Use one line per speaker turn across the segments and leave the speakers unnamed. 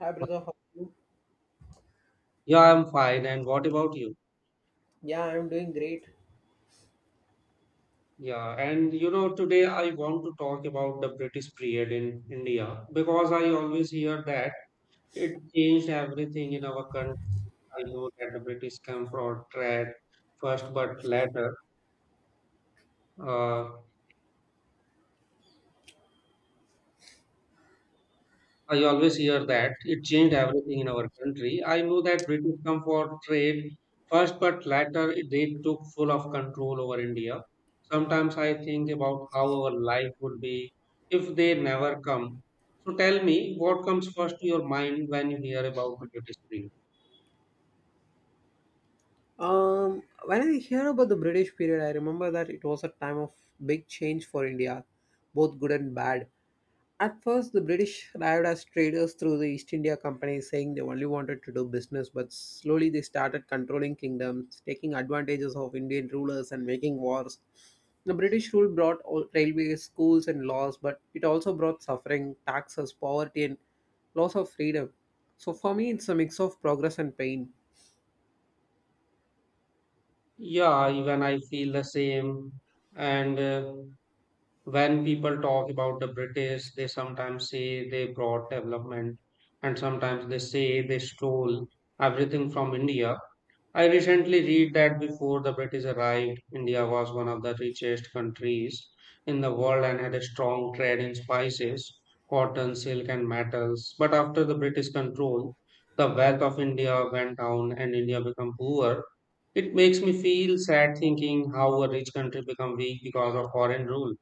Hi brother, how are you?
Yeah, I'm fine. And what about you?
Yeah, I'm doing great.
Yeah, and today I want to talk about the British period in India because I always hear that it changed everything in our country. I know that the British come for trade first, but later. Uh, I always hear that it changed everything in our country. I know that British come for trade first, but later they took full of control over India. Sometimes I think about how our life would be if they never come. So tell me, what comes first to your mind when you hear about the British period?
When I hear about the British period, I remember that it was a time of big change for India, both good and bad. At first, the British arrived as traders through the East India Company, saying they only wanted to do business, but slowly they started controlling kingdoms, taking advantages of Indian rulers, and making wars. The British rule brought railways, schools, and laws, but it also brought suffering, taxes, poverty, and loss of freedom. So, for me, it's a mix of progress and pain.
Yeah, even I feel the same. And when people talk about the British, they sometimes say they brought development and sometimes they say they stole everything from India. I recently read that before the British arrived, India was one of the richest countries in the world and had a strong trade in spices, cotton, silk, and metals. But after the British control, the wealth of India went down and India became poor. It makes me feel sad thinking how a rich country become weak because of foreign rule.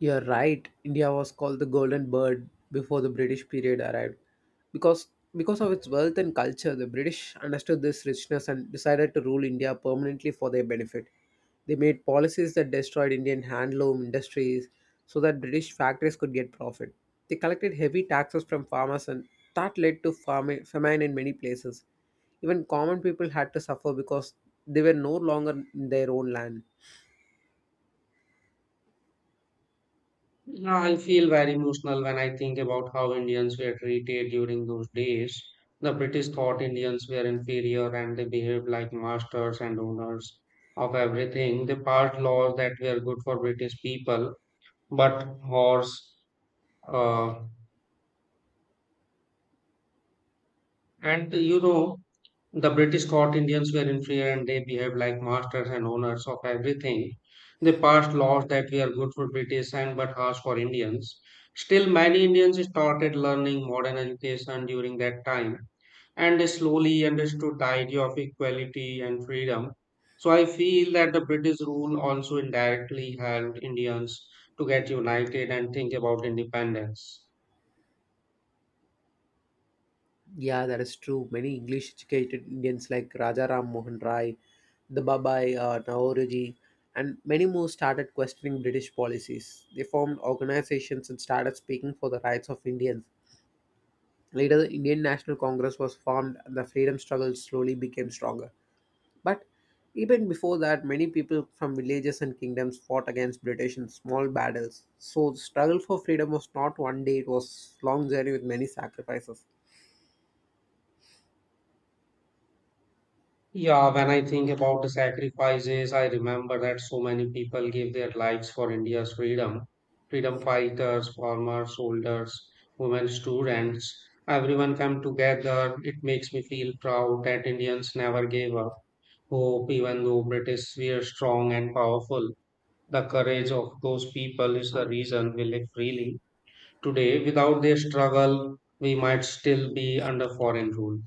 You're right. India was called the Golden Bird before the British period arrived. Because because of its wealth and culture, the British understood this richness and decided to rule India permanently for their benefit. They made policies that destroyed Indian handloom industries so that British factories could get profit. They collected heavy taxes from farmers and that led to famine in many places. Even common people had to suffer because they were no longer in their own land.
Yeah, I feel very emotional when I think about how Indians were treated during those days. The British thought Indians were inferior and they behaved like masters and owners of everything. They passed laws that were good for British people, but horse. Uh, and you know, The British caught Indians were inferior and they behaved like masters and owners of everything. They passed laws that were good for British and but harsh for Indians. Still, many Indians started learning modern education during that time and they slowly understood the idea of equality and freedom. So, I feel that the British rule also indirectly helped Indians to get united and think about independence.
Yeah, that is true. Many English educated Indians like Raja Ram Mohan Rai, the Babai, Navoroji, and many more started questioning British policies. They formed organizations and started speaking for the rights of Indians. Later, the Indian National Congress was formed and the freedom struggle slowly became stronger. But even before that, many people from villages and kingdoms fought against British in small battles. So, the struggle for freedom was not one day, it was long journey with many sacrifices.
Yeah, when I think about the sacrifices, I remember that so many people gave their lives for India's freedom. Freedom fighters, former soldiers, women students, everyone come together. It makes me feel proud that Indians never gave up hope, even though British were strong and powerful. The courage of those people is the reason we live freely. Today, without their struggle, we might still be under foreign rule.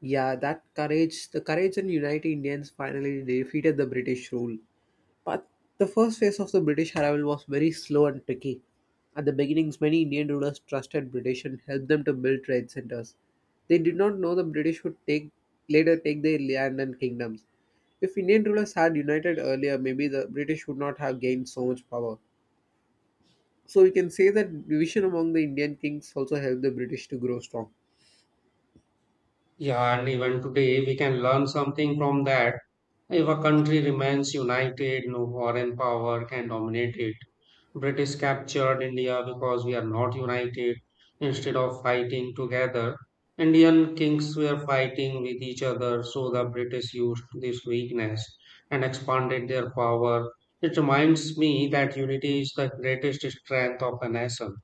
Yeah, that courage, the courage and United Indians finally defeated the British rule. But the first phase of the British arrival was very slow and tricky. At the beginnings, many Indian rulers trusted British and helped them to build trade centers. They did not know the British would take later take their land and kingdoms. If Indian rulers had united earlier, maybe the British would not have gained so much power. So we can say that division among the Indian kings also helped the British to grow strong.
Yeah, and even today we can learn something from that. If a country remains united, no foreign power can dominate it. British captured India because we are not united. Instead of fighting together, Indian kings were fighting with each other, so the British used this weakness and expanded their power. It reminds me that unity is the greatest strength of a nation.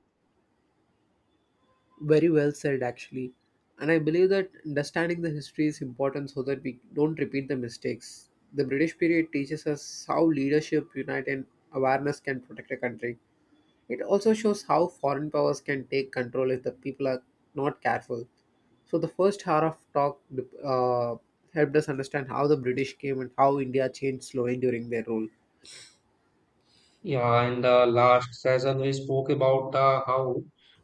Very well said, actually. And I believe that understanding the history is important so that we don't repeat the mistakes. The British period teaches us how leadership, unite, and awareness can protect a country. It also shows how foreign powers can take control if the people are not careful. So, the first hour of talk uh, helped us understand how the British came and how India changed slowly during their rule.
Yeah, in the last session, we spoke about how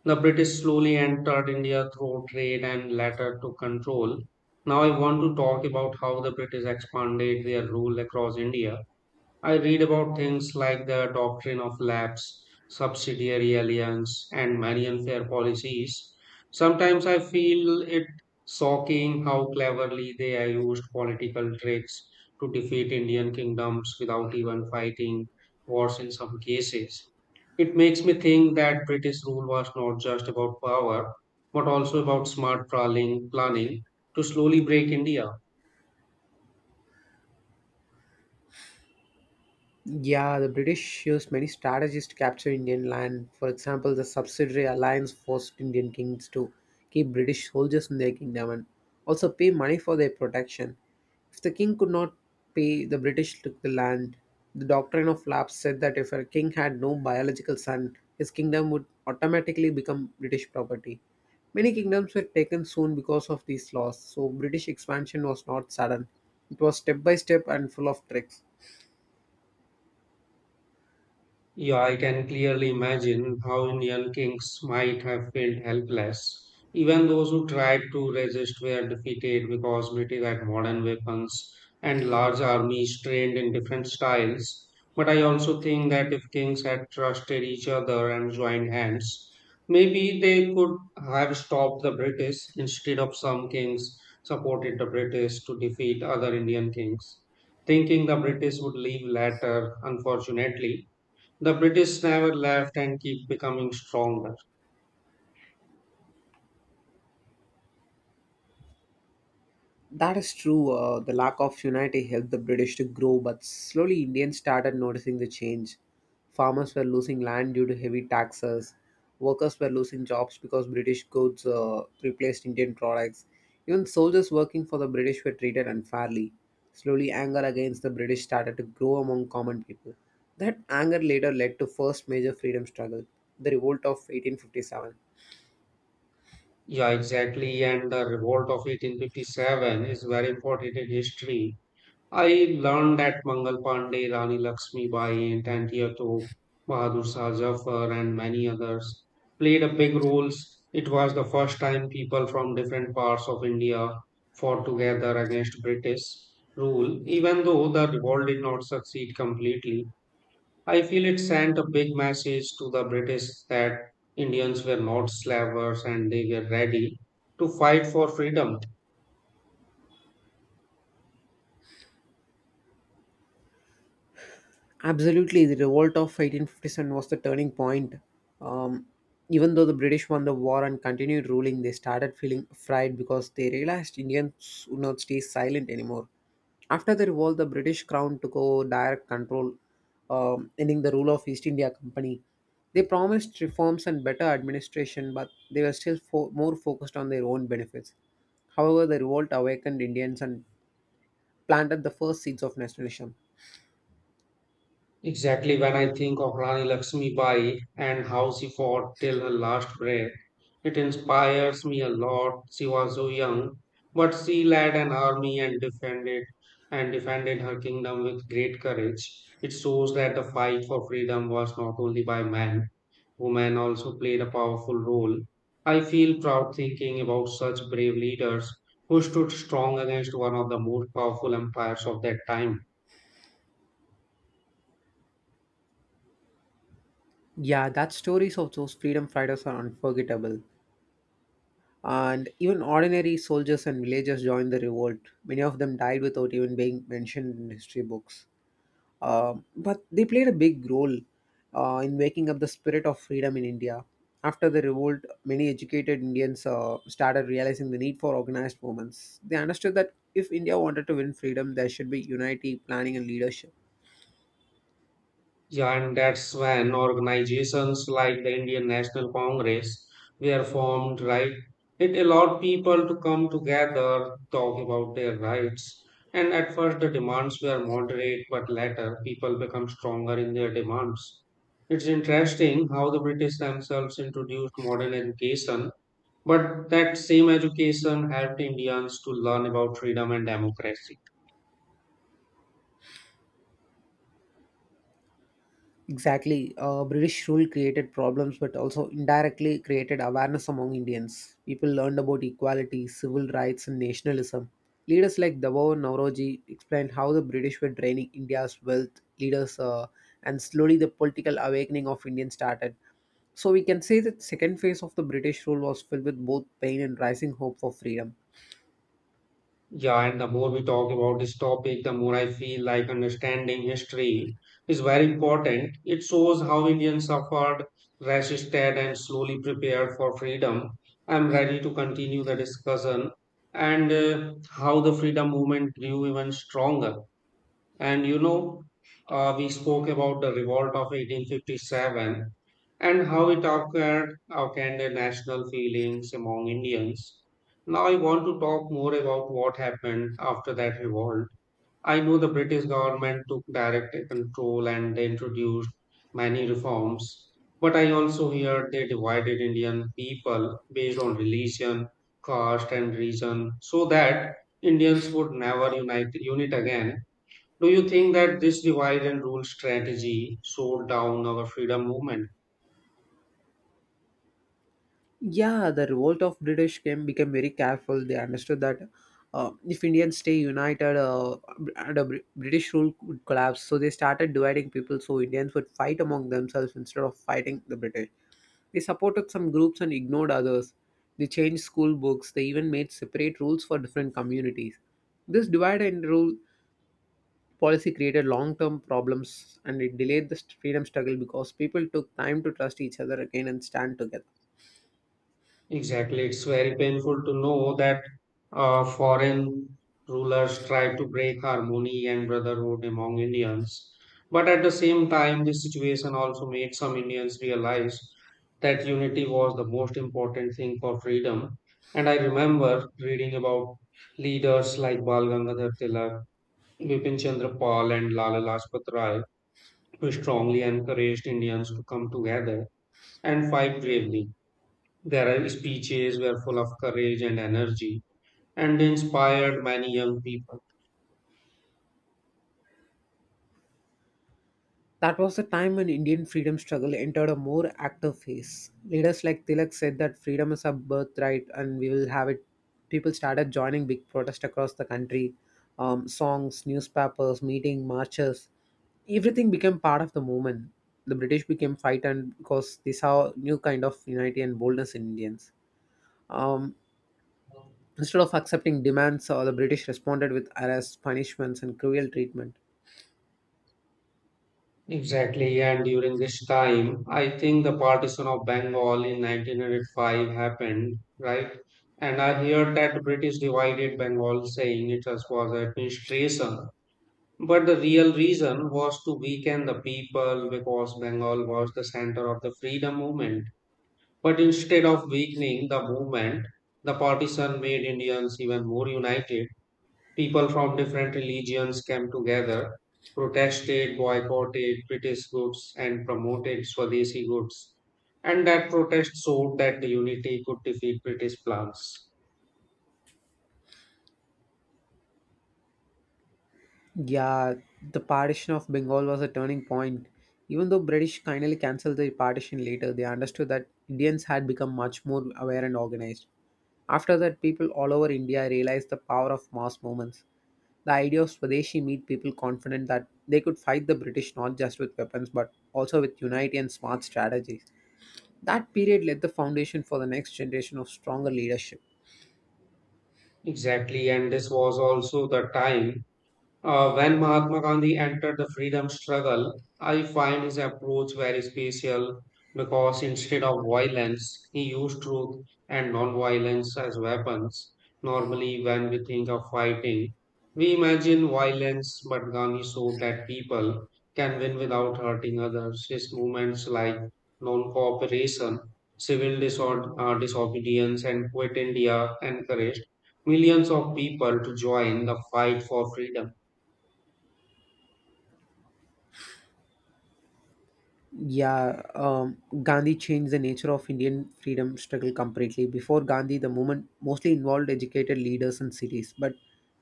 the British slowly entered India through trade and later to control. Now, I want to talk about how the British expanded their rule across India. I read about things like the doctrine of lapse, subsidiary alliance, and many unfair policies. Sometimes I feel it shocking how cleverly they are used political tricks to defeat Indian kingdoms without even fighting wars in some cases. It makes me think that British rule was not just about power, but also about smart planning to slowly break India.
Yeah, the British used many strategies to capture Indian land. For example, the subsidiary alliance forced Indian kings to keep British soldiers in their kingdom and also pay money for their protection. If the king could not pay, the British took the land. The doctrine of lapse said that if a king had no biological son, his kingdom would automatically become British property. Many kingdoms were taken soon because of these laws, so British expansion was not sudden. It was step by step and full of tricks.
Yeah, I can clearly imagine how Indian kings might have felt helpless. Even those who tried to resist were defeated because British had modern weapons and large armies trained in different styles. But I also think that if kings had trusted each other and joined hands, maybe they could have stopped the British instead of some kings supported the British to defeat other Indian kings, thinking the British would leave later, unfortunately. The British never left and keep becoming stronger.
That is true. The lack of unity helped the British to grow, but slowly Indians started noticing the change. Farmers were losing land due to heavy taxes. Workers were losing jobs because British goods replaced Indian products. Even soldiers working for the British were treated unfairly. Slowly, anger against the British started to grow among common people. That anger later led to first major freedom struggle, the revolt of 1857.
Yeah, exactly. And the revolt of 1857 is very important in history. I learned that Mangal Pandey, Rani Lakshmi Bai, Tantia Tope, Bahadur Shah Zafar, and many others played a big roles. It was the first time people from different parts of India fought together against British rule, even though the revolt did not succeed completely. I feel it sent a big message to the British that Indians were not slavers and they were ready to fight for freedom.
Absolutely, the revolt of 1857 was the turning point. Um, Even though the British won the war and continued ruling, they started feeling afraid because they realized Indians would not stay silent anymore. After the revolt, the British crown took over direct control, ending the rule of East India Company. They promised reforms and better administration, but they were still more focused on their own benefits. However, the revolt awakened Indians and planted the first seeds of nationalism.
Exactly when I think of Rani Lakshmi Bai and how she fought till her last breath, it inspires me a lot. She was so young, but she led an army and defended her kingdom with great courage. It shows that the fight for freedom was not only by men, women also played a powerful role. I feel proud thinking about such brave leaders who stood strong against one of the most powerful empires of that time.
Yeah, that stories of those freedom fighters are unforgettable. And even ordinary soldiers and villagers joined the revolt. Many of them died without even being mentioned in history books. But they played a big role in waking up the spirit of freedom in India. After the revolt, many educated Indians started realizing the need for organized movements. They understood that if India wanted to win freedom, there should be unity, planning, and leadership.
Yeah, and that's when organizations like the Indian National Congress were formed, right? It allowed people to come together, talk about their rights. And at first, the demands were moderate, but later, people became stronger in their demands. It's interesting how the British themselves introduced modern education, but that same education helped Indians to learn about freedom and democracy.
Exactly. British rule created problems, but also indirectly created awareness among Indians. People learned about equality, civil rights, and nationalism. Leaders like Dabo and Nauroji explained how the British were draining India's wealth, and slowly the political awakening of Indians started. So we can say that second phase of the British rule was filled with both pain and rising hope for freedom.
Yeah, and the more we talk about this topic, the more I feel like understanding history is very important. It shows how Indians suffered, resisted, and slowly prepared for freedom. I'm ready to continue the discussion and how the freedom movement grew even stronger. And you know, we spoke about the revolt of 1857 and how it occurred, awakened national feelings among Indians. Now, I want to talk more about what happened after that revolt. I know the British government took direct control and they introduced many reforms, but I also heard they divided Indian people based on religion, caste, and region so that Indians would never unite again. Do you think that this divide and rule strategy slowed down our freedom movement?
Yeah, the revolt of British came became very careful. They understood that if Indians stay united, under British rule would collapse, so they started dividing people so Indians would fight among themselves instead of fighting the British. They supported some groups and ignored others. They changed school books. They even made separate rules for different communities. This divide and rule policy created long-term problems, and it delayed the freedom struggle because people took time to trust each other again and stand together.
Exactly. It's very painful to know that foreign rulers tried to break harmony and brotherhood among Indians. But at the same time, this situation also made some Indians realize that unity was the most important thing for freedom. And I remember reading about leaders like Bal Gangadhar Tilak, Bipin Chandra Pal, and Lala Lajpat Rai who strongly encouraged Indians to come together and fight bravely. Their speeches were full of courage and energy and inspired many young people.
That was the time when Indian freedom struggle entered a more active phase. Leaders like Tilak said that freedom is a birthright and we will have it. People started joining big protests across the country. Songs, newspapers, meeting, marches, everything became part of the movement. The British became frightened because they saw new kind of unity and boldness in Indians. Um, Instead of accepting demands, the British responded with arrests, punishments, and cruel treatment.
Exactly, and during this time, I think the partition of Bengal in 1905 happened, right? And I heard that the British divided Bengal, saying it was administration. But the real reason was to weaken the people because Bengal was the center of the freedom movement. But instead of weakening the movement, the partition made Indians even more united. People from different religions came together, protested, boycotted British goods, and promoted Swadeshi goods. And that protest showed that the unity could defeat British plans.
Yeah, the partition of Bengal was a turning point. Even though British kindly cancelled the partition later, they understood that Indians had become much more aware and organized. After that, people all over India realized the power of mass movements. The idea of Swadeshi made people confident that they could fight the British not just with weapons but also with unity and smart strategies. That period laid the foundation for the next generation of stronger leadership.
Exactly, and this was also the time. When Mahatma Gandhi entered the freedom struggle, I find his approach very special because instead of violence, he used truth and non-violence as weapons. Normally, when we think of fighting, we imagine violence, but Gandhi showed that people can win without hurting others. His movements like non-cooperation, civil disorder, disobedience, and Quit India encouraged millions of people to join the fight for freedom.
Yeah, Gandhi changed the nature of Indian freedom struggle completely. Before Gandhi, the movement mostly involved educated leaders and cities, but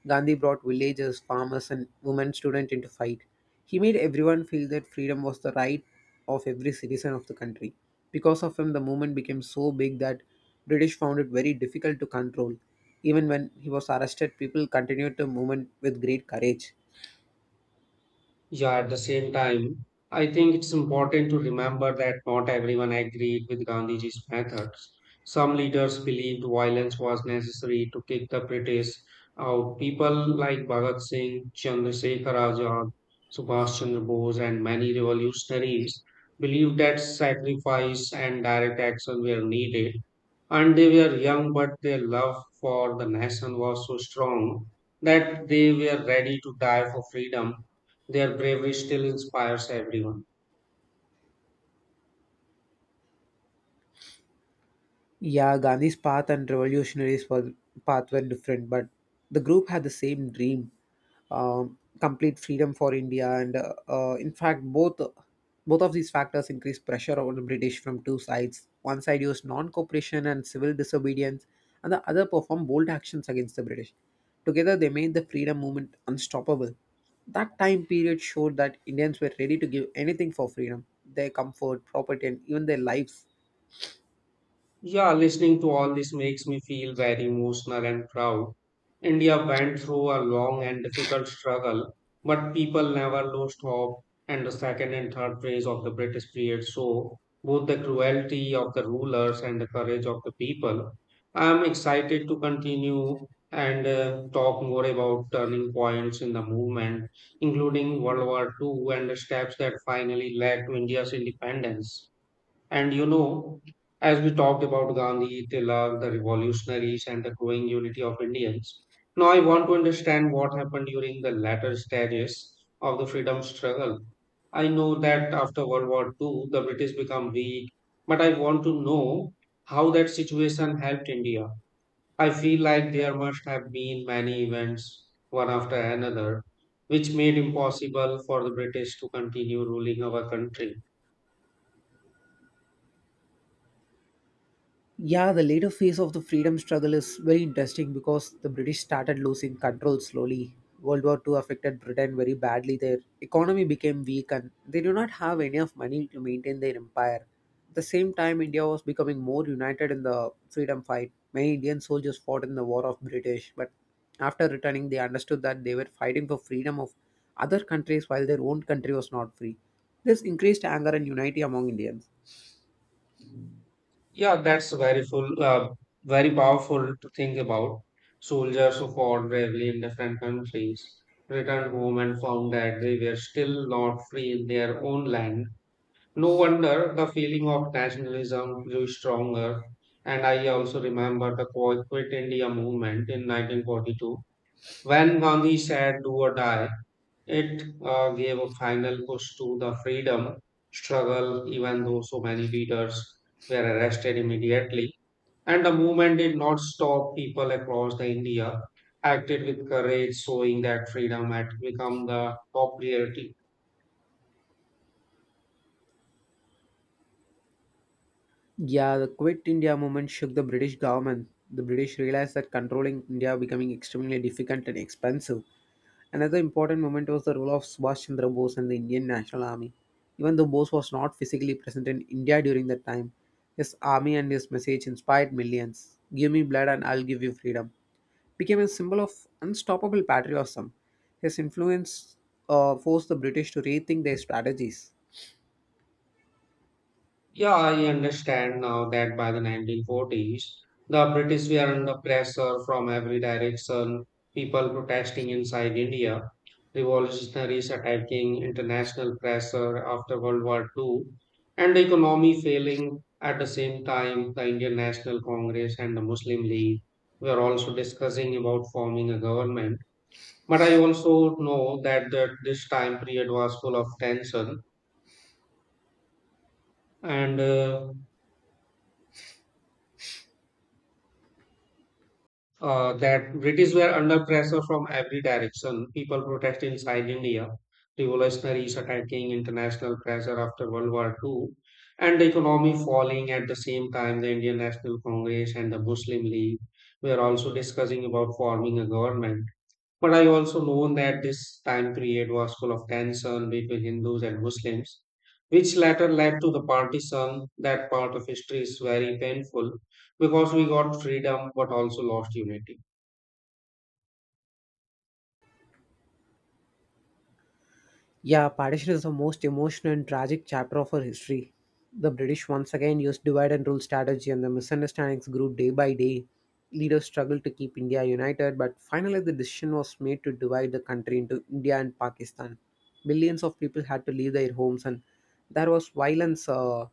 Gandhi brought villagers, farmers, and women students into fight. He made everyone feel that freedom was the right of every citizen of the country. Because of him, the movement became so big that British found it very difficult to control. Even when he was arrested, people continued the movement with great courage.
Yeah, at the same time, I think it's important to remember that not everyone agreed with Gandhiji's methods. Some leaders believed violence was necessary to kick the British out. People like Bhagat Singh, Chandrasekhar Azad, Subhash Chandra Bose, and many revolutionaries believed that sacrifice and direct action were needed. And they were young, but their love for the nation was so strong that they were ready to die for freedom. Their bravery still inspires everyone.
Yeah, Gandhi's path and revolutionaries' path were different, but the group had the same dream: complete freedom for India. And in fact, both of these factors increased pressure on the British from two sides. One side used non-cooperation and civil disobedience, and the other performed bold actions against the British. Together, they made the freedom movement unstoppable. That time period showed that Indians were ready to give anything for freedom, their comfort, property, and even their lives.
Yeah, listening to all this makes me feel very emotional and proud. India went through a long and difficult struggle, but people never lost hope. And the second and third phase of the British period show both the cruelty of the rulers and the courage of the people. I am excited to continue and talk more about turning points in the movement, including World War II and the steps that finally led to India's independence. And you know, as we talked about Gandhi, Tilak, the revolutionaries, and the growing unity of Indians, now I want to understand what happened during the latter stages of the freedom struggle. I know that after World War II, the British become weak, but I want to know how that situation helped India. I feel like there must have been many events, one after another, which made impossible for the British to continue ruling our country.
Yeah, the later phase of the freedom struggle is very interesting because the British started losing control slowly. World War II affected Britain very badly. Their economy became weak and they do not have enough money to maintain their empire. At the same time, India was becoming more united in the freedom fight. Many Indian soldiers fought in the War of British, but after returning, they understood that they were fighting for freedom of other countries while their own country was not free. This increased anger and unity among Indians.
Yeah, that's very powerful to think about. Soldiers who fought bravely in different countries returned home and found that they were still not free in their own land. No wonder the feeling of nationalism grew stronger. And I also remember the Quit India movement in 1942 when Gandhi said, "Do or die." It gave a final push to the freedom struggle, even though so many leaders were arrested immediately. And the movement did not stop. People across the India acted with courage, showing that freedom had become the top priority.
Yeah, the Quit India movement shook the British government. The British realized that controlling India becoming extremely difficult and expensive. Another important moment was the role of Subhash Chandra Bose and the Indian National Army. Even though Bose was not physically present in India during that time, his army and his message inspired millions. Give me blood and I'll give you freedom became a symbol of unstoppable patriotism. His influence forced the British to rethink their strategies.
Yeah, I understand now that by the 1940s, the British were under pressure from every direction, people protesting inside India, revolutionaries attacking international pressure after World War II, and the economy failing. At the same time, the Indian National Congress and the Muslim League were also discussing about forming a government. But I also know that this time period was full of tension and that British were under pressure from every direction. People protest inside India, revolutionaries attacking international pressure after World War II, and the economy falling at the same time. The Indian National Congress and the Muslim League were also discussing about forming a government. But I also known that this time period was full of tension between Hindus and Muslims, which later led to the partition. That part of history is very painful because we got freedom but also lost unity.
Yeah, partition is the most emotional and tragic chapter of our history. The British once again used divide and rule strategy, and the misunderstandings grew day by day. Leaders struggled to keep India united, but finally, the decision was made to divide the country into India and Pakistan. Millions of people had to leave their homes, and there was violence,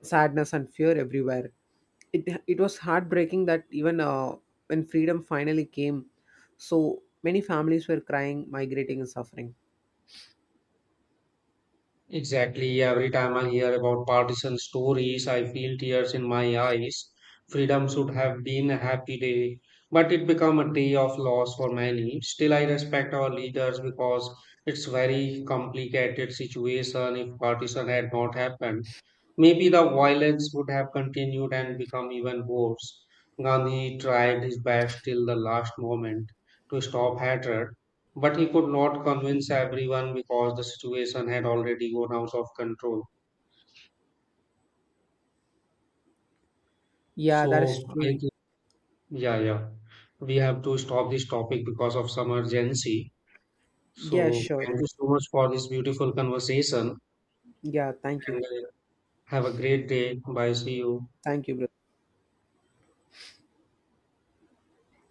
sadness, and fear everywhere. It was heartbreaking that even when freedom finally came, so many families were crying, migrating, and suffering.
Exactly. Every time I hear about partisan stories, I feel tears in my eyes. Freedom should have been a happy day, but it became a day of loss for many. Still, I respect our leaders because it's very complicated situation. If partition had not happened, maybe the violence would have continued and become even worse. Gandhi tried his best till the last moment to stop hatred, but he could not convince everyone because the situation had already gone out of control.
Yeah, that is
So I think,
true.
yeah, yeah, we have to stop this topic because of some urgency.
Yeah,
So
sure.
thank you so much for this beautiful conversation
Yeah, thank you.
and have a great day. Bye. See you.
Thank you, brother.